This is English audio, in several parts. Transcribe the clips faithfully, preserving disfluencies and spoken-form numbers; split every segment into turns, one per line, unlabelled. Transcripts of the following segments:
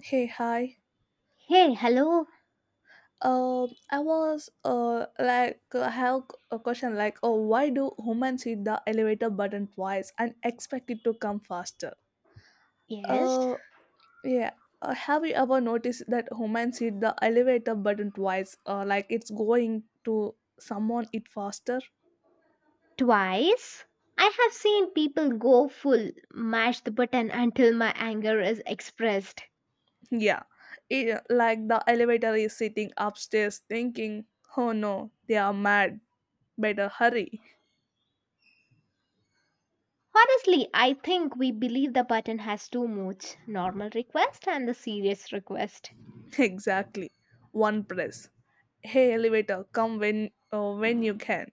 Hey, hi.
Hey, hello.
Um, I was uh like I have a question, like, oh, why do humans hit the elevator button twice and expect it to come faster?
Yes,
Uh, yeah. Uh, have you ever noticed that humans hit the elevator button twice? Uh, like it's going to someone it faster?
twice. I have seen people go full mash the button until my anger is expressed.
Yeah. It, like the elevator is sitting upstairs thinking, oh no, they are mad. Better hurry.
Honestly, I think we believe the button has two modes: normal request and the serious request.
Exactly. One press. Hey elevator, come when uh, when you can.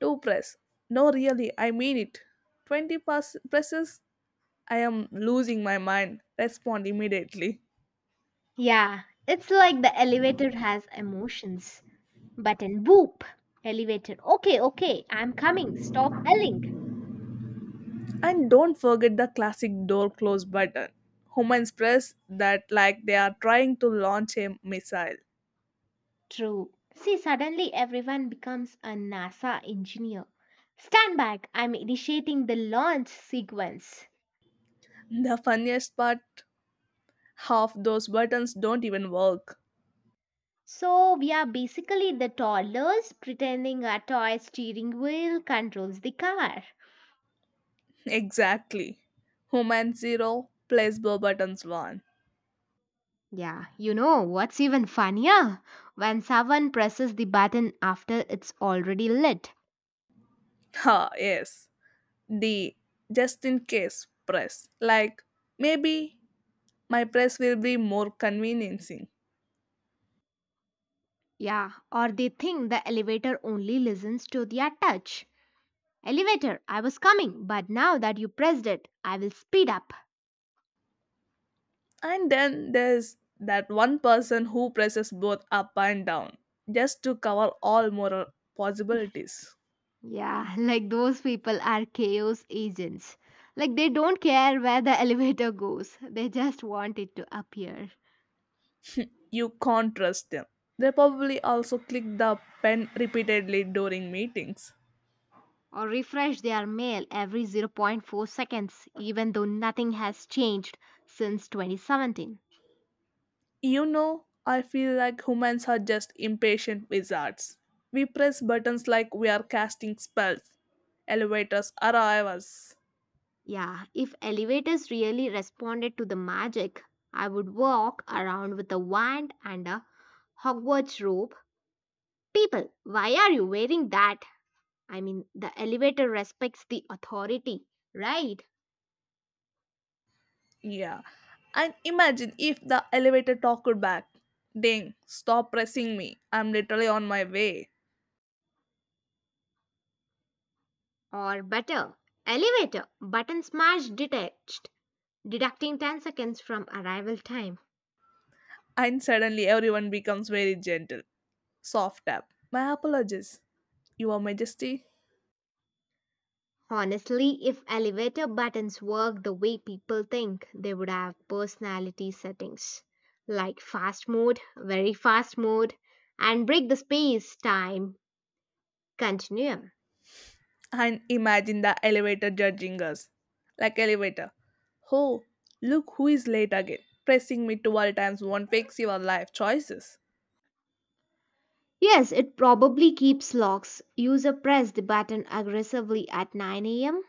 Two press. No, really, I mean it. Twenty pass- presses. I am losing my mind. Respond immediately.
Yeah, it's like the elevator has emotions. Button boop. Elevator. Okay, okay, I'm coming. Stop yelling.
And don't forget the classic door close button. Humans press that like they are trying to launch a missile.
True. See, suddenly everyone becomes a NASA engineer. Stand back, I'm initiating the launch sequence.
The funniest part, half those buttons don't even work.
So, we are basically the toddlers pretending a toy steering wheel controls the car.
Exactly. Human zero, placebo buttons one.
Yeah, you know what's even funnier? When someone presses the button after it's already lit.
Ha, yes. The just in case press, like, maybe my press will be more conveniencing.
Yeah, or they think the elevator only listens to their touch. Elevator, I was coming, but now that you pressed it, I will speed up.
And then there's that one person who presses both up and down just to cover all moral possibilities.
Yeah, like those people are chaos agents. Like they don't care where the elevator goes, they just want it to appear.
You can't trust them. They probably also click the pen repeatedly during meetings.
Or refresh their mail every zero point zero point four seconds, even though nothing has changed since twenty seventeen.
you know I feel like humans are just impatient wizards. We press buttons like we are casting spells. Elevators arrive us.
Yeah, if elevators really responded to the magic, I would walk around with a wand and a Hogwarts robe. People, why are you wearing that? I mean, the elevator respects the authority, right?
Yeah. And imagine if the elevator talked back. Ding, stop pressing me. I'm literally on my way.
Or better, elevator button smash detached, deducting ten seconds from arrival time.
And suddenly everyone becomes very gentle. Soft tap. My apologies, Your Majesty.
Honestly, if elevator buttons worked the way people think, they would have personality settings like fast mode, very fast mode, and break the space time continuum.
And imagine the elevator judging us. Like elevator. Oh, look who is late again. Pressing me twelve times won't fix your life choices.
Yes, it probably keeps locks. User press the button aggressively at nine a m,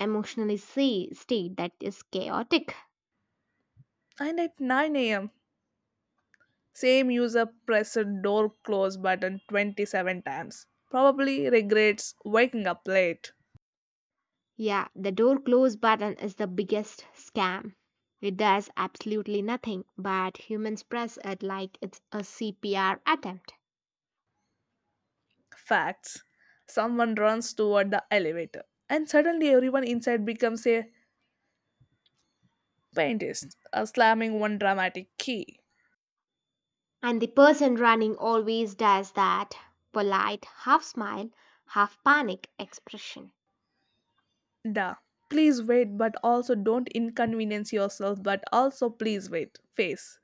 emotionally say state that is chaotic.
And at nine a m, same user pressed door close button twenty-seven times. Probably regrets waking up late.
Yeah, the door close button is the biggest scam. It does absolutely nothing, but humans press it like it's a C P R attempt.
Facts. Someone runs toward the elevator, and suddenly everyone inside becomes a paintist, uh, slamming one dramatic key.
And the person running always does that polite, half smile, half panic expression.
Da. Please wait, but also don't inconvenience yourself, but also please wait. Face.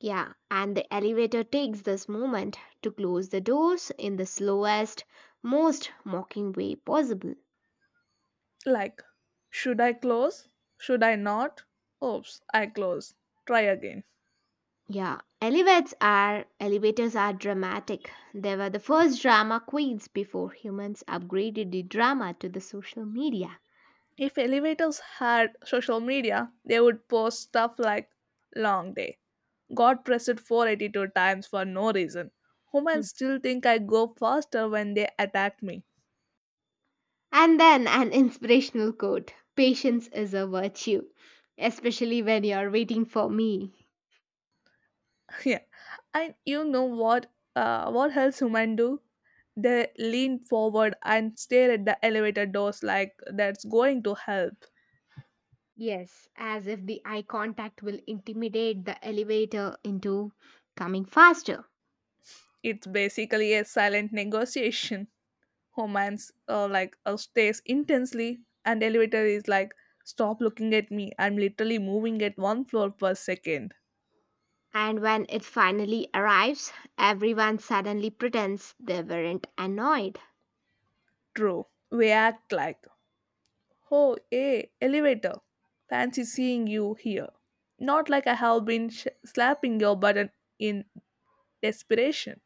Yeah, and the elevator takes this moment to close the doors in the slowest, most mocking way possible.
Like, should I close? Should I not? Oops, I close. Try again.
Yeah, elevates are elevators are dramatic. They were the first drama queens before humans upgraded the drama to the social media.
If elevators had social media, they would post stuff like long day. Got pressed four hundred eighty-two times for no reason.
Hmm.
Humans still think I go faster when they attack me.
And then an inspirational quote. Patience is a virtue, especially when you're waiting for me.
Yeah. And you know what uh, what else human do? They lean forward and stare at the elevator doors like that's going to help.
Yes, as if the eye contact will intimidate the elevator into coming faster.
It's basically a silent negotiation. Homance, uh, like, uh, stares intensely, and elevator is like, stop looking at me. I'm literally moving at one floor per second.
And when it finally arrives, everyone suddenly pretends they weren't annoyed.
True. We act like, oh, hey, elevator. Fancy seeing you here. Not like I have been sh- slapping your button in desperation.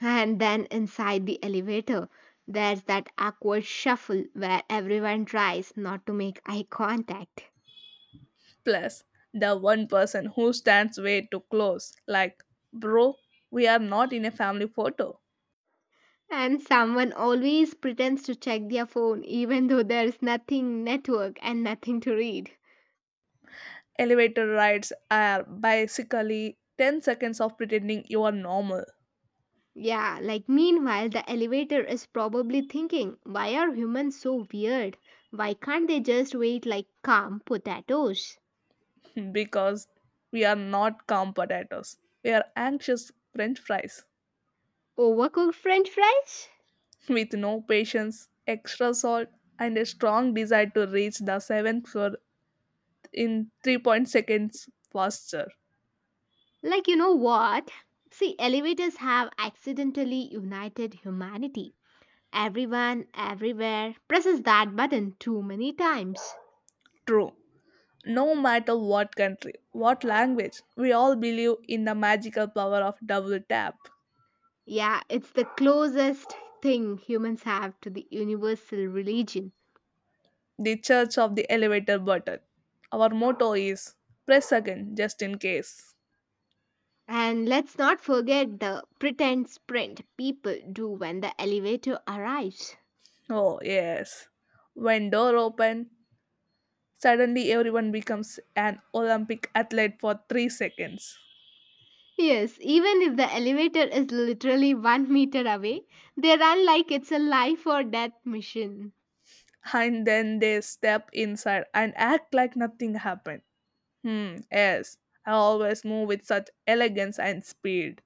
And then inside the elevator, there's that awkward shuffle where everyone tries not to make eye contact.
Plus, the one person who stands way too close. Like, bro, we are not in a family photo.
And someone always pretends to check their phone even though there's nothing network and nothing to read.
Elevator rides are basically ten seconds of pretending you are normal.
Yeah, like meanwhile, the elevator is probably thinking, why are humans so weird? Why can't they just wait like calm potatoes?
Because we are not calm potatoes. We are anxious french fries.
Overcooked french fries?
With no patience, extra salt, and a strong desire to reach the seventh floor in 3.0 point seconds faster.
Like, you know what? See, elevators have accidentally united humanity. Everyone, everywhere presses that button too many times.
True. No matter what country, what language, we all believe in the magical power of double tap.
Yeah, it's the closest thing humans have to the universal religion.
The Church of the Elevator Button. Our motto is press again just in case.
And let's not forget the pretend sprint people do when the elevator arrives.
Oh yes. When door open, suddenly everyone becomes an Olympic athlete for three seconds.
Yes, even if the elevator is literally one meter away, they run like it's a life or death mission.
And then they step inside and act like nothing happened. Hmm, yes. I always move with such elegance and speed.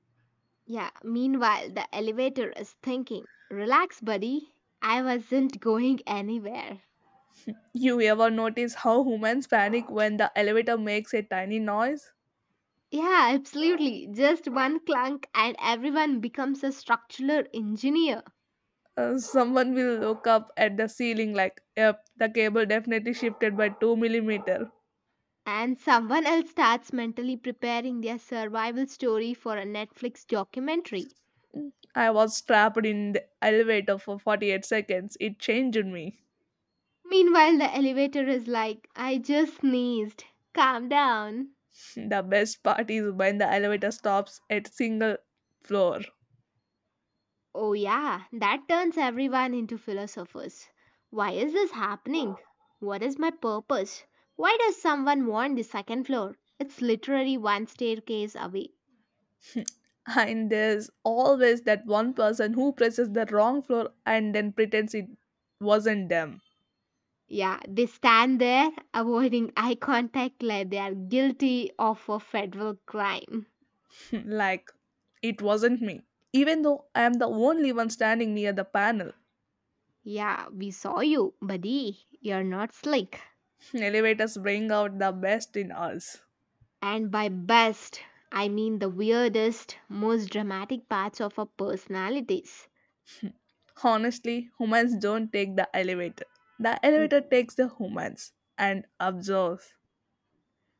Yeah, meanwhile, the elevator is thinking, Relax, buddy, I wasn't going anywhere.
You ever notice how humans panic when the elevator makes a tiny noise?
Yeah, absolutely. Just one clunk, and everyone becomes a structural engineer.
Uh, someone will look up at the ceiling like, yep, the cable definitely shifted by two millimeter.
And someone else starts mentally preparing their survival story for a Netflix documentary.
I was trapped in the elevator for forty-eight seconds. It changed me.
Meanwhile, the elevator is like, I just sneezed. Calm down.
The best part is when the elevator stops at single floor.
Oh, yeah, that turns everyone into philosophers. Why is this happening? What is my purpose? Why does someone want the second floor? It's literally one staircase away.
And there's always that one person who presses the wrong floor and then pretends it wasn't them.
Yeah, they stand there avoiding eye contact like they are guilty of a federal crime.
Like, it wasn't me. Even though I am the only one standing near the panel.
Yeah, we saw you, buddy. You're not slick.
Elevators bring out the best in us.
And by best, I mean the weirdest, most dramatic parts of our personalities.
Honestly, humans don't take the elevator. The elevator takes the humans and absorbs.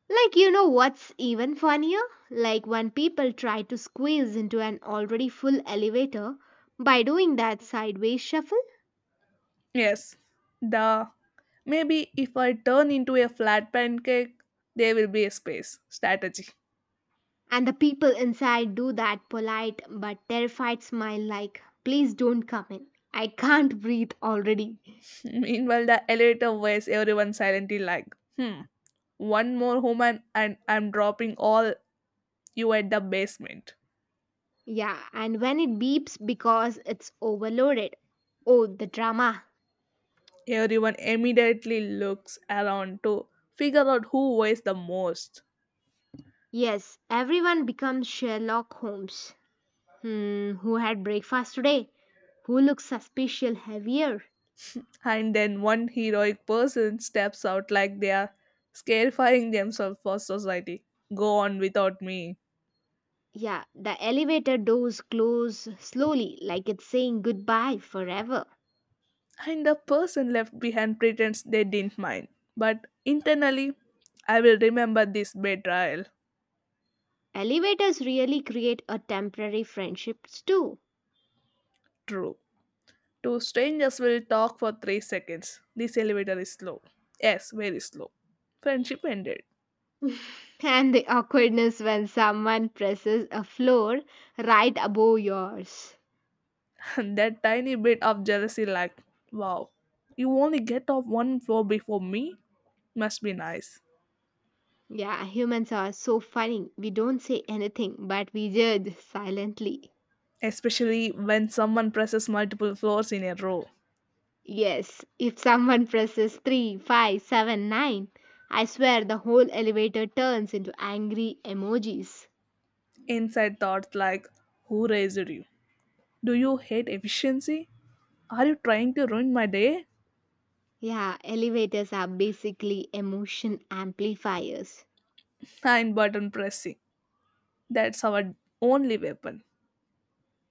Like, you know what's even funnier? Like, when people try to squeeze into an already full elevator by doing that sideways shuffle,
Yes, the maybe if I turn into a flat pancake, there will be a space strategy.
and the people inside do that polite but terrified smile, like, please don't come in. I can't breathe already.
Meanwhile, the elevator waits everyone silently like, hmm, one more human and I'm dropping all you at the basement.
Yeah, and when it beeps because it's overloaded. Oh, the drama.
Everyone immediately looks around to figure out who weighs the most.
Yes, everyone becomes Sherlock Holmes. Hmm, who had breakfast today? Who looks suspicious heavier?
And then one heroic person steps out like they are scarifying themselves for society. Go on without me.
Yeah, the elevator doors close slowly, like it's saying goodbye forever.
And the person left behind pretends they didn't mind. But internally, I will remember this betrayal.
Elevators really create a temporary friendships too.
True. Two strangers will talk for three seconds. This elevator is slow. Yes, very slow. Friendship ended.
and the awkwardness when someone presses a floor right above yours.
And that tiny bit of jealousy, like, wow, you only get off one floor before me? Must be nice.
Yeah, humans are so funny. We don't say anything, but we judge silently.
Especially when someone presses multiple floors in a row.
Yes, if someone presses three, five, seven, nine, I swear the whole elevator turns into angry emojis.
Inside thoughts like, who raised you? Do you hate efficiency? Are you trying to ruin my day?
Yeah, elevators are basically emotion amplifiers,
And button pressing. That's our only weapon.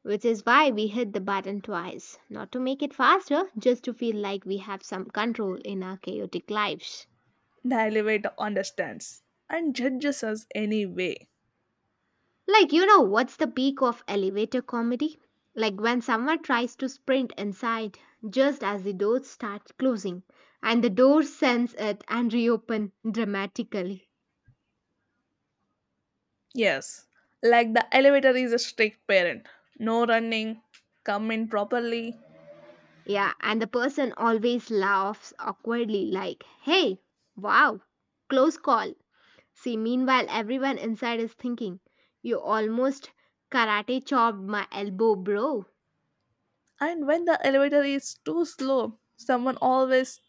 which is why we hit the button twice. Not to make it faster, just to feel like we have some control in our chaotic lives.
The elevator understands and judges us anyway.
Like, you know, what's the peak of elevator comedy? Like when someone tries to sprint inside just as the doors start closing, and the door sends it and reopen dramatically.
Yes, like the elevator is a strict parent. No running, come in properly.
Yeah, and the person always laughs awkwardly, like, hey, wow, close call. See, meanwhile, everyone inside is thinking, You almost karate chopped my elbow, bro.
And when the elevator is too slow, someone always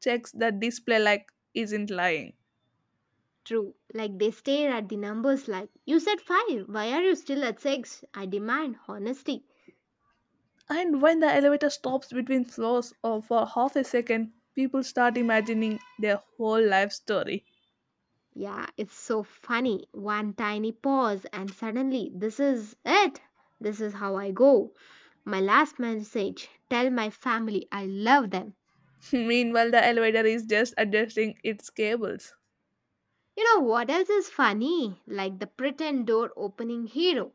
checks the display like isn't lying.
True. Like they stare at the numbers like, You said five. Why are you still at six? I demand honesty.
And when the elevator stops between floors or for half a second, people start imagining their whole life story.
Yeah, it's so funny. One tiny pause, and suddenly, this is it. This is how I go. My last message tell my family I love them.
Meanwhile, the elevator is just adjusting its cables.
You know what else is funny? Like the pretend door opening hero.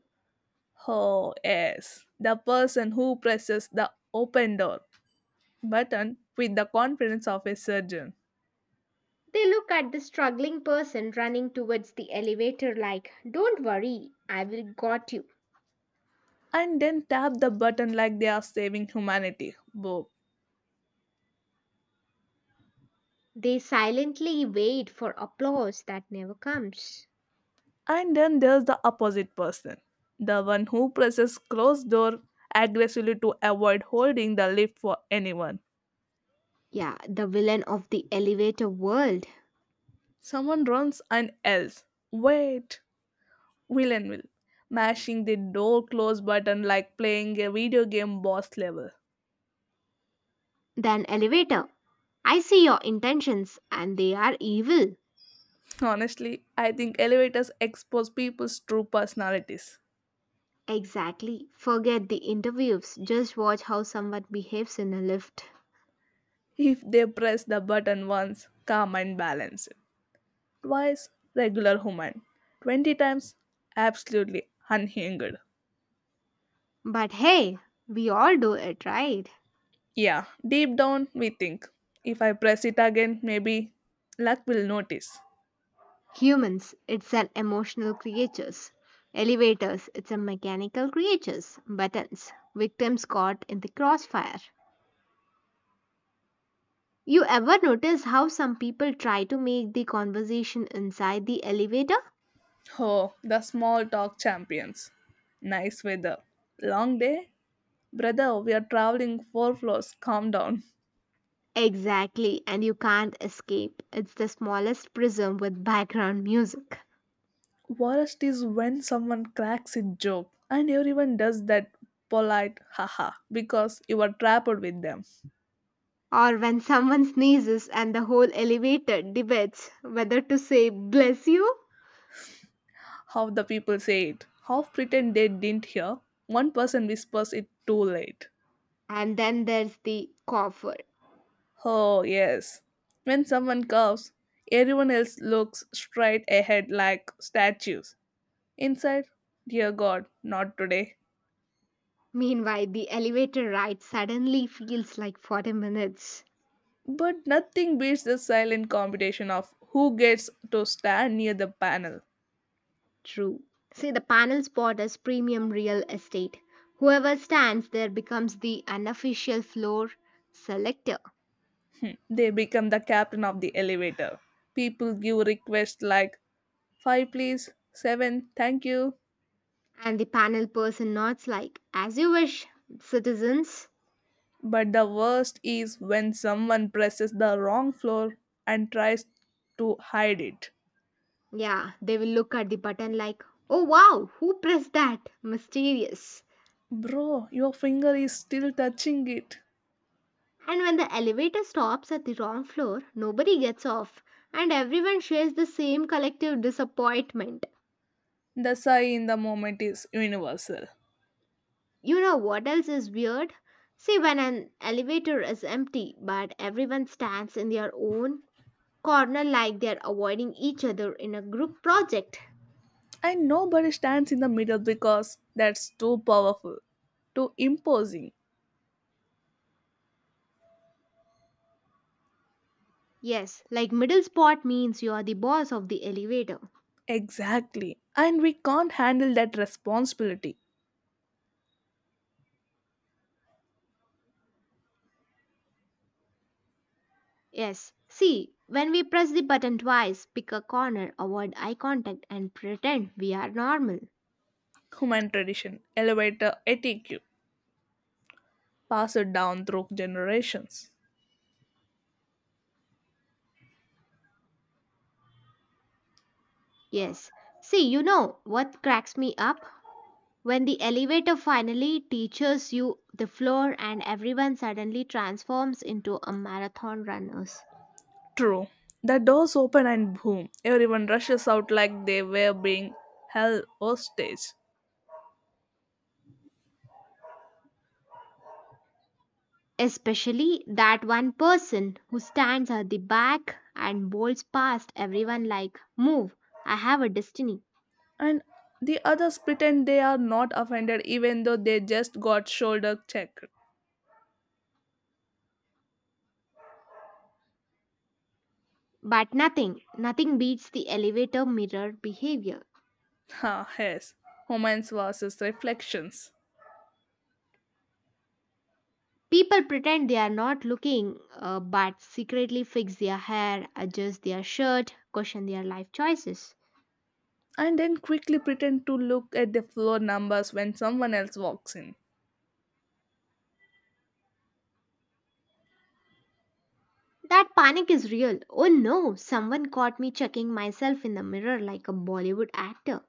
Oh, yes. The person who presses the open door button with the confidence of a surgeon
They look at the struggling person running towards the elevator like, Don't worry, I will got you.
and then tap the button like they are saving humanity. Boom.
They silently wait for applause that never comes.
And then there's the opposite person, the one who presses closed door aggressively to avoid holding the lift for anyone.
Yeah, the villain of the elevator world.
Someone runs and yells, wait! Will and will, mashing the door close button like playing a video game boss level.
Then elevator. I see your intentions and they are evil.
Honestly, I think elevators expose people's true personalities.
Exactly. Forget the interviews. Just watch how someone behaves in a lift.
If they press the button once, calm and balanced. Twice, regular human. twenty times, absolutely unhinged.
But hey, we all do it, right?
Yeah, deep down we think if I press it again, maybe luck will notice.
Humans, it's an emotional creatures. Elevators, it's a mechanical creatures. Buttons, victims caught in the crossfire. You ever notice how some people try to make the conversation inside the elevator?
Oh, the small talk champions. Nice weather. Long day? Brother, we are traveling four floors. Calm down.
Exactly, and you can't escape. It's the smallest prism with background music.
Worst is when someone cracks a joke and everyone does that polite haha because you are trapped with them.
Or when someone sneezes and the whole elevator debates whether to say bless you.
How the people say it. Half pretend they didn't hear. One person whispers it too late.
And then there's the cougher.
Oh, yes. When someone coughs, everyone else looks straight ahead like statues. Inside, dear God, not today.
Meanwhile, the elevator ride suddenly feels like forty minutes.
But nothing beats the silent competition of who gets to stand near the panel.
True. See, the panel spot as premium real estate. Whoever stands there becomes the unofficial floor selector.
They become the captain of the elevator. People give requests like five please, seven thank you.
And the panel person nods like, as you wish, citizens.
But the worst is when someone presses the wrong floor and tries to hide it.
Yeah, they will look at the button like, oh wow, who pressed that? Mysterious.
Bro, your finger is still touching it.
And when the elevator stops at the wrong floor, nobody gets off, and everyone shares the same collective disappointment.
The sigh in the moment is universal.
You know what else is weird? See, when an elevator is empty but everyone stands in their own corner like they're avoiding each other in a group project.
And nobody stands in the middle because that's too powerful, too imposing.
Yes, like middle spot means you are the boss of the elevator.
Exactly. And we can't handle that responsibility.
Yes, see, when we press the button twice, pick a corner, avoid eye contact, and pretend we are normal.
Human tradition, elevator etiquette, passed down through generations.
Yes, see, you know what cracks me up? When the elevator finally teaches you the floor and everyone suddenly transforms into a marathon runners.
True. The doors open and boom, everyone rushes out like they were being held hostage.
Especially that one person who stands at the back and bolts past everyone like, Move, I have a destiny.
And the others pretend they are not offended even though they just got shoulder checked.
But nothing, nothing beats the elevator mirror behavior.
Ha, yes. Homance versus reflections.
People pretend they are not looking, uh, but secretly fix their hair, adjust their shirt, question their life choices.
And then quickly pretend to look at the floor numbers when someone else walks in.
That panic is real. Oh no, someone caught me checking myself in the mirror like a Bollywood actor.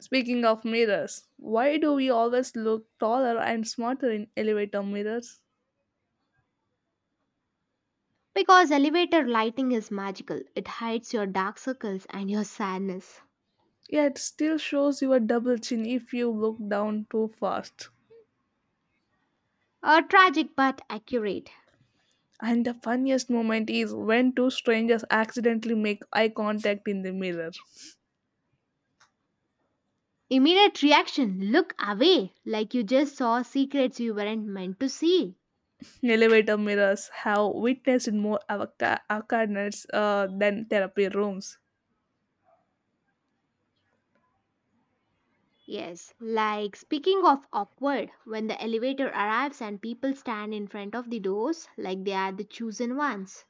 Speaking of mirrors, why do we always look taller and smarter in elevator mirrors?
Because elevator lighting is magical, it hides your dark circles and your sadness.
Yeah, it still shows your double chin if you look down too fast.
A tragic but accurate.
And the funniest moment is when two strangers accidentally make eye contact in the mirror.
Immediate reaction look away, like you just saw secrets you weren't meant to see.
Elevator mirrors have witnessed more avca- accidents, uh, than therapy rooms.
Yes, like speaking of awkward, when the elevator arrives and people stand in front of the doors like they are the chosen ones.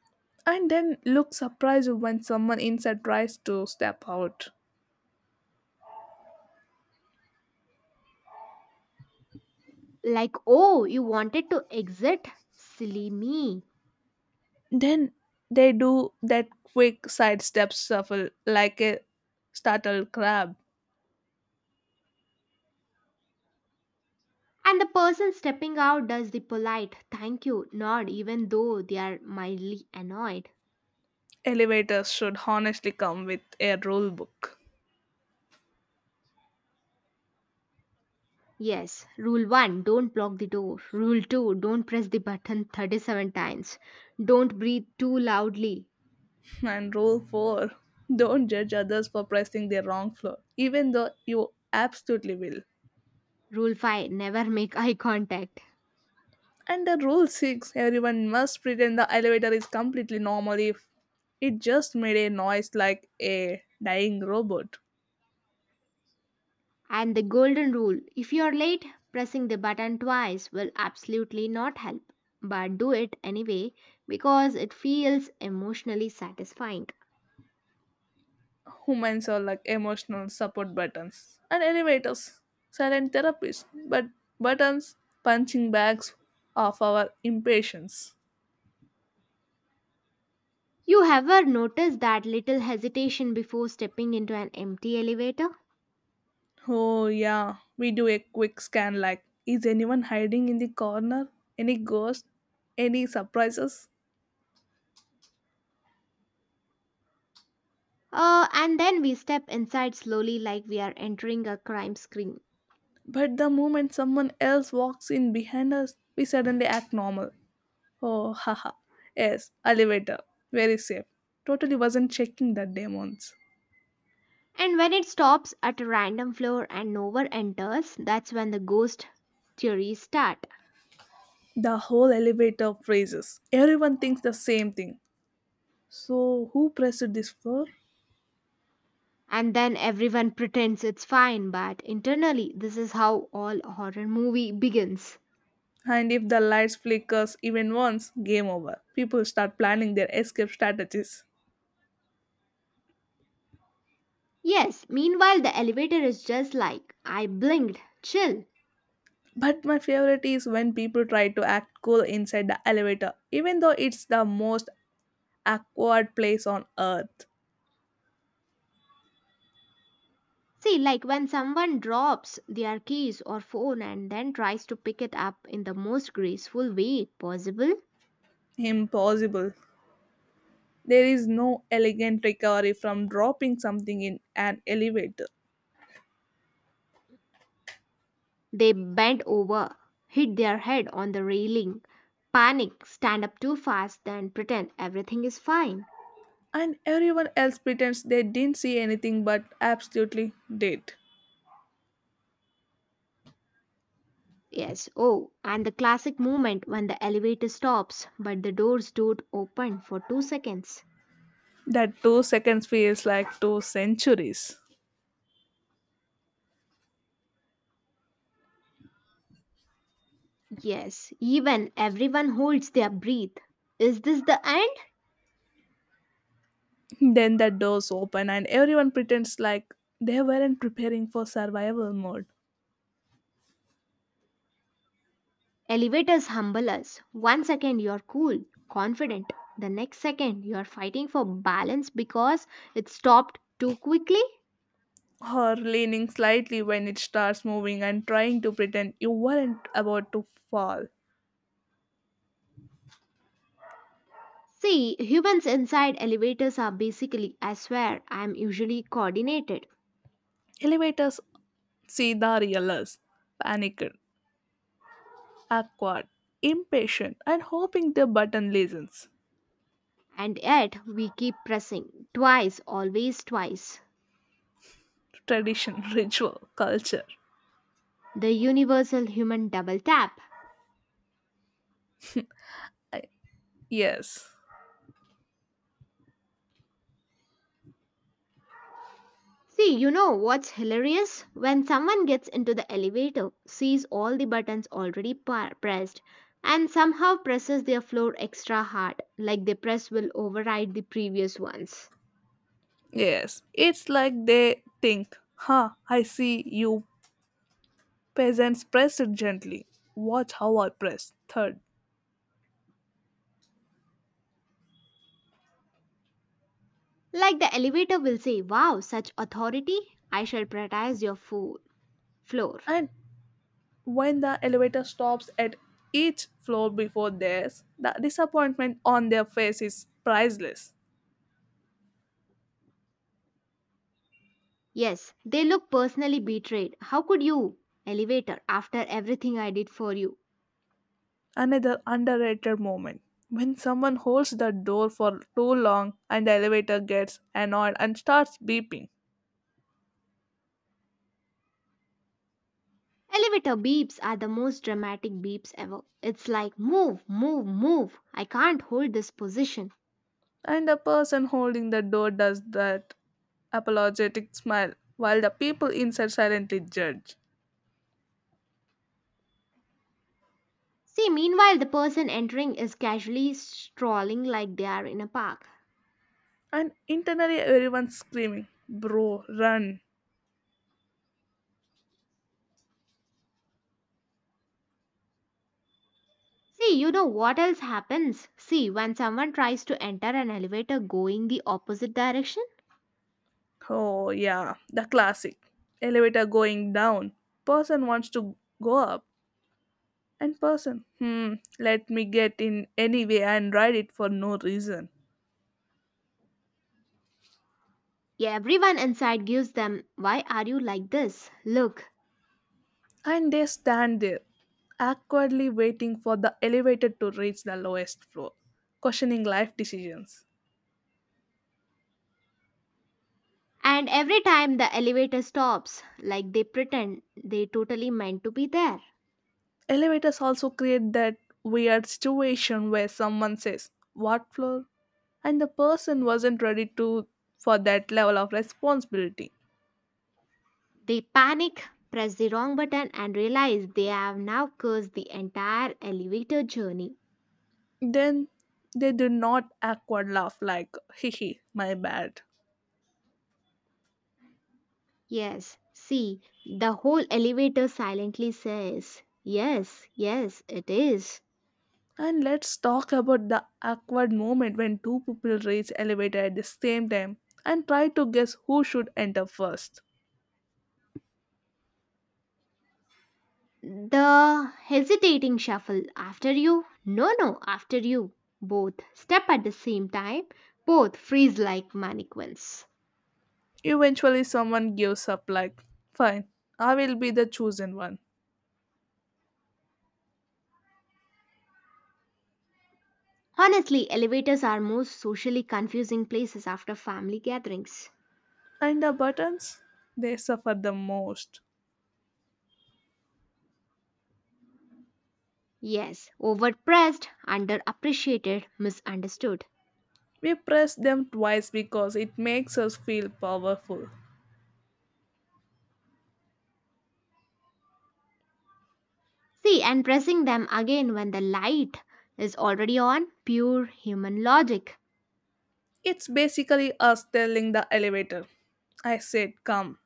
And then look surprised when someone inside tries to step out.
Like, oh, you wanted to exit? Silly me.
Then they do that quick sidestep shuffle like a startled crab.
And the person stepping out does the polite thank you nod even though they are mildly annoyed.
Elevators should honestly come with a rule book.
Yes, rule one don't block the door. Rule two don't press the button thirty-seven times. Don't breathe too loudly.
And rule four, don't judge others for pressing the wrong floor, even though you absolutely will.
Rule five never make eye contact.
Under Rule six, everyone must pretend the elevator is completely normal if it just made a noise like a dying robot.
And the golden rule if you're late, pressing the button twice will absolutely not help. But do it anyway because it feels emotionally satisfying.
Humans are like emotional support buttons and elevators, silent therapists, but buttons, punching bags of our impatience.
You ever noticed that little hesitation before stepping into an empty elevator?
Oh, yeah, we do a quick scan like, is anyone hiding in the corner? Any ghost? Any surprises?
Uh, and then we step inside slowly like we are entering a crime scene.
But the moment someone else walks in behind us, we suddenly act normal. Oh, haha. Yes, elevator. Very safe. Totally wasn't checking the demons.
And when it stops at a random floor and no one enters, that's when the ghost theories start.
The whole elevator freezes. Everyone thinks the same thing. So, who pressed this for?
And then everyone pretends it's fine, but internally, this is how all horror movie begins.
And if the lights flickers even once, game over. People start planning their escape strategies.
Yes, meanwhile, the elevator is just like, I blinked, chill.
But my favorite is when people try to act cool inside the elevator, even though it's the most awkward place on earth.
See, like when someone drops their keys or phone and then tries to pick it up in the most graceful way possible,
Impossible. There is no elegant recovery from dropping something in an elevator.
they bend over, hit their head on the railing, panic, stand up too fast, then pretend everything is fine.
And everyone else pretends they didn't see anything but absolutely did.
Yes, oh, and the classic moment when the elevator stops but the doors don't open for two seconds.
That two seconds feels like two centuries.
Yes, even everyone holds their breath. Is this the end?
Then the doors open and everyone pretends like they weren't preparing for survival mode.
Elevators humble us. One second you're cool, confident. The next second you're fighting for balance because it stopped too quickly.
Or leaning slightly when it starts moving and trying to pretend you weren't about to fall.
See, humans inside elevators are basically, I swear, I'm usually coordinated.
Elevators see the real us, panicked, awkward, impatient, and hoping the button listens.
And yet, we keep pressing. Twice, always twice.
Tradition, ritual, culture.
The universal human double tap.
I- yes,
See, you know what's hilarious? When someone gets into the elevator, sees all the buttons already par- pressed, and somehow presses their floor extra hard, like the press will override the previous ones.
yes. It's like they think, huh, I see you peasants press it gently. Watch how I press. Third.
Like the elevator will say, Wow, such authority! I shall prioritise your fo- floor.
And when the elevator stops at each floor before theirs, the disappointment on their face is priceless.
Yes, they look personally betrayed. How could you, elevator, after everything I did for you?
Another underrated moment when someone holds the door for too long and the elevator gets annoyed and starts beeping.
Elevator beeps are the most dramatic beeps ever. It's like, move, move, move. I can't hold this position.
And the person holding the door does that apologetic smile while the people inside silently judge.
See, meanwhile, the person entering is casually strolling like they are in a park.
And internally, everyone's screaming, bro, run.
See, you know what else happens? See, when someone tries to enter an elevator going the opposite direction,
Oh, yeah, the classic. Elevator going down. Person wants to go up. And person, hmm, let me get in anyway and ride it for no reason.
yeah, everyone inside gives them, Why are you like this? Look.
And they stand there, awkwardly waiting for the elevator to reach the lowest floor, questioning life decisions.
And every time the elevator stops, like they pretend they totally meant to be there.
Elevators also create that weird situation where someone says, what floor? And the person wasn't ready to for that level of responsibility.
They panic, press the wrong button, and realize they have now cursed the entire elevator journey.
Then they do not awkward laugh like, hee hee, my bad.
Yes, see, the whole elevator silently says, Yes, yes, it is.
And let's talk about the awkward moment when two people reach elevator at the same time and try to guess who should enter first.
The hesitating shuffle after you, no, no, after you. Both step at the same time, both freeze like mannequins.
Eventually someone gives up like, "Fine, I will be the chosen one."
Honestly, elevators are most socially confusing places after family gatherings.
And the buttons, they suffer the most.
Yes, overpressed, underappreciated, misunderstood.
We press them twice because it makes us feel powerful.
See, and pressing them again when the light is already on pure human logic.
It's basically us telling the elevator, I said, come.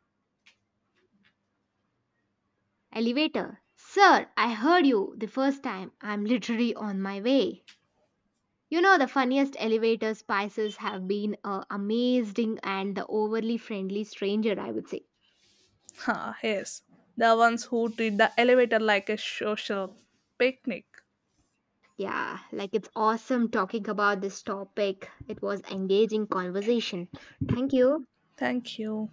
Elevator. Sir, I heard you the first time. I'm literally on my way. You know, the funniest elevator spices have been uh, amazing and the overly friendly stranger, I would say.
Ha, yes. The ones who treat the elevator like a social picnic.
Yeah, like it's awesome talking about this topic. It was engaging conversation. Thank you.
Thank you.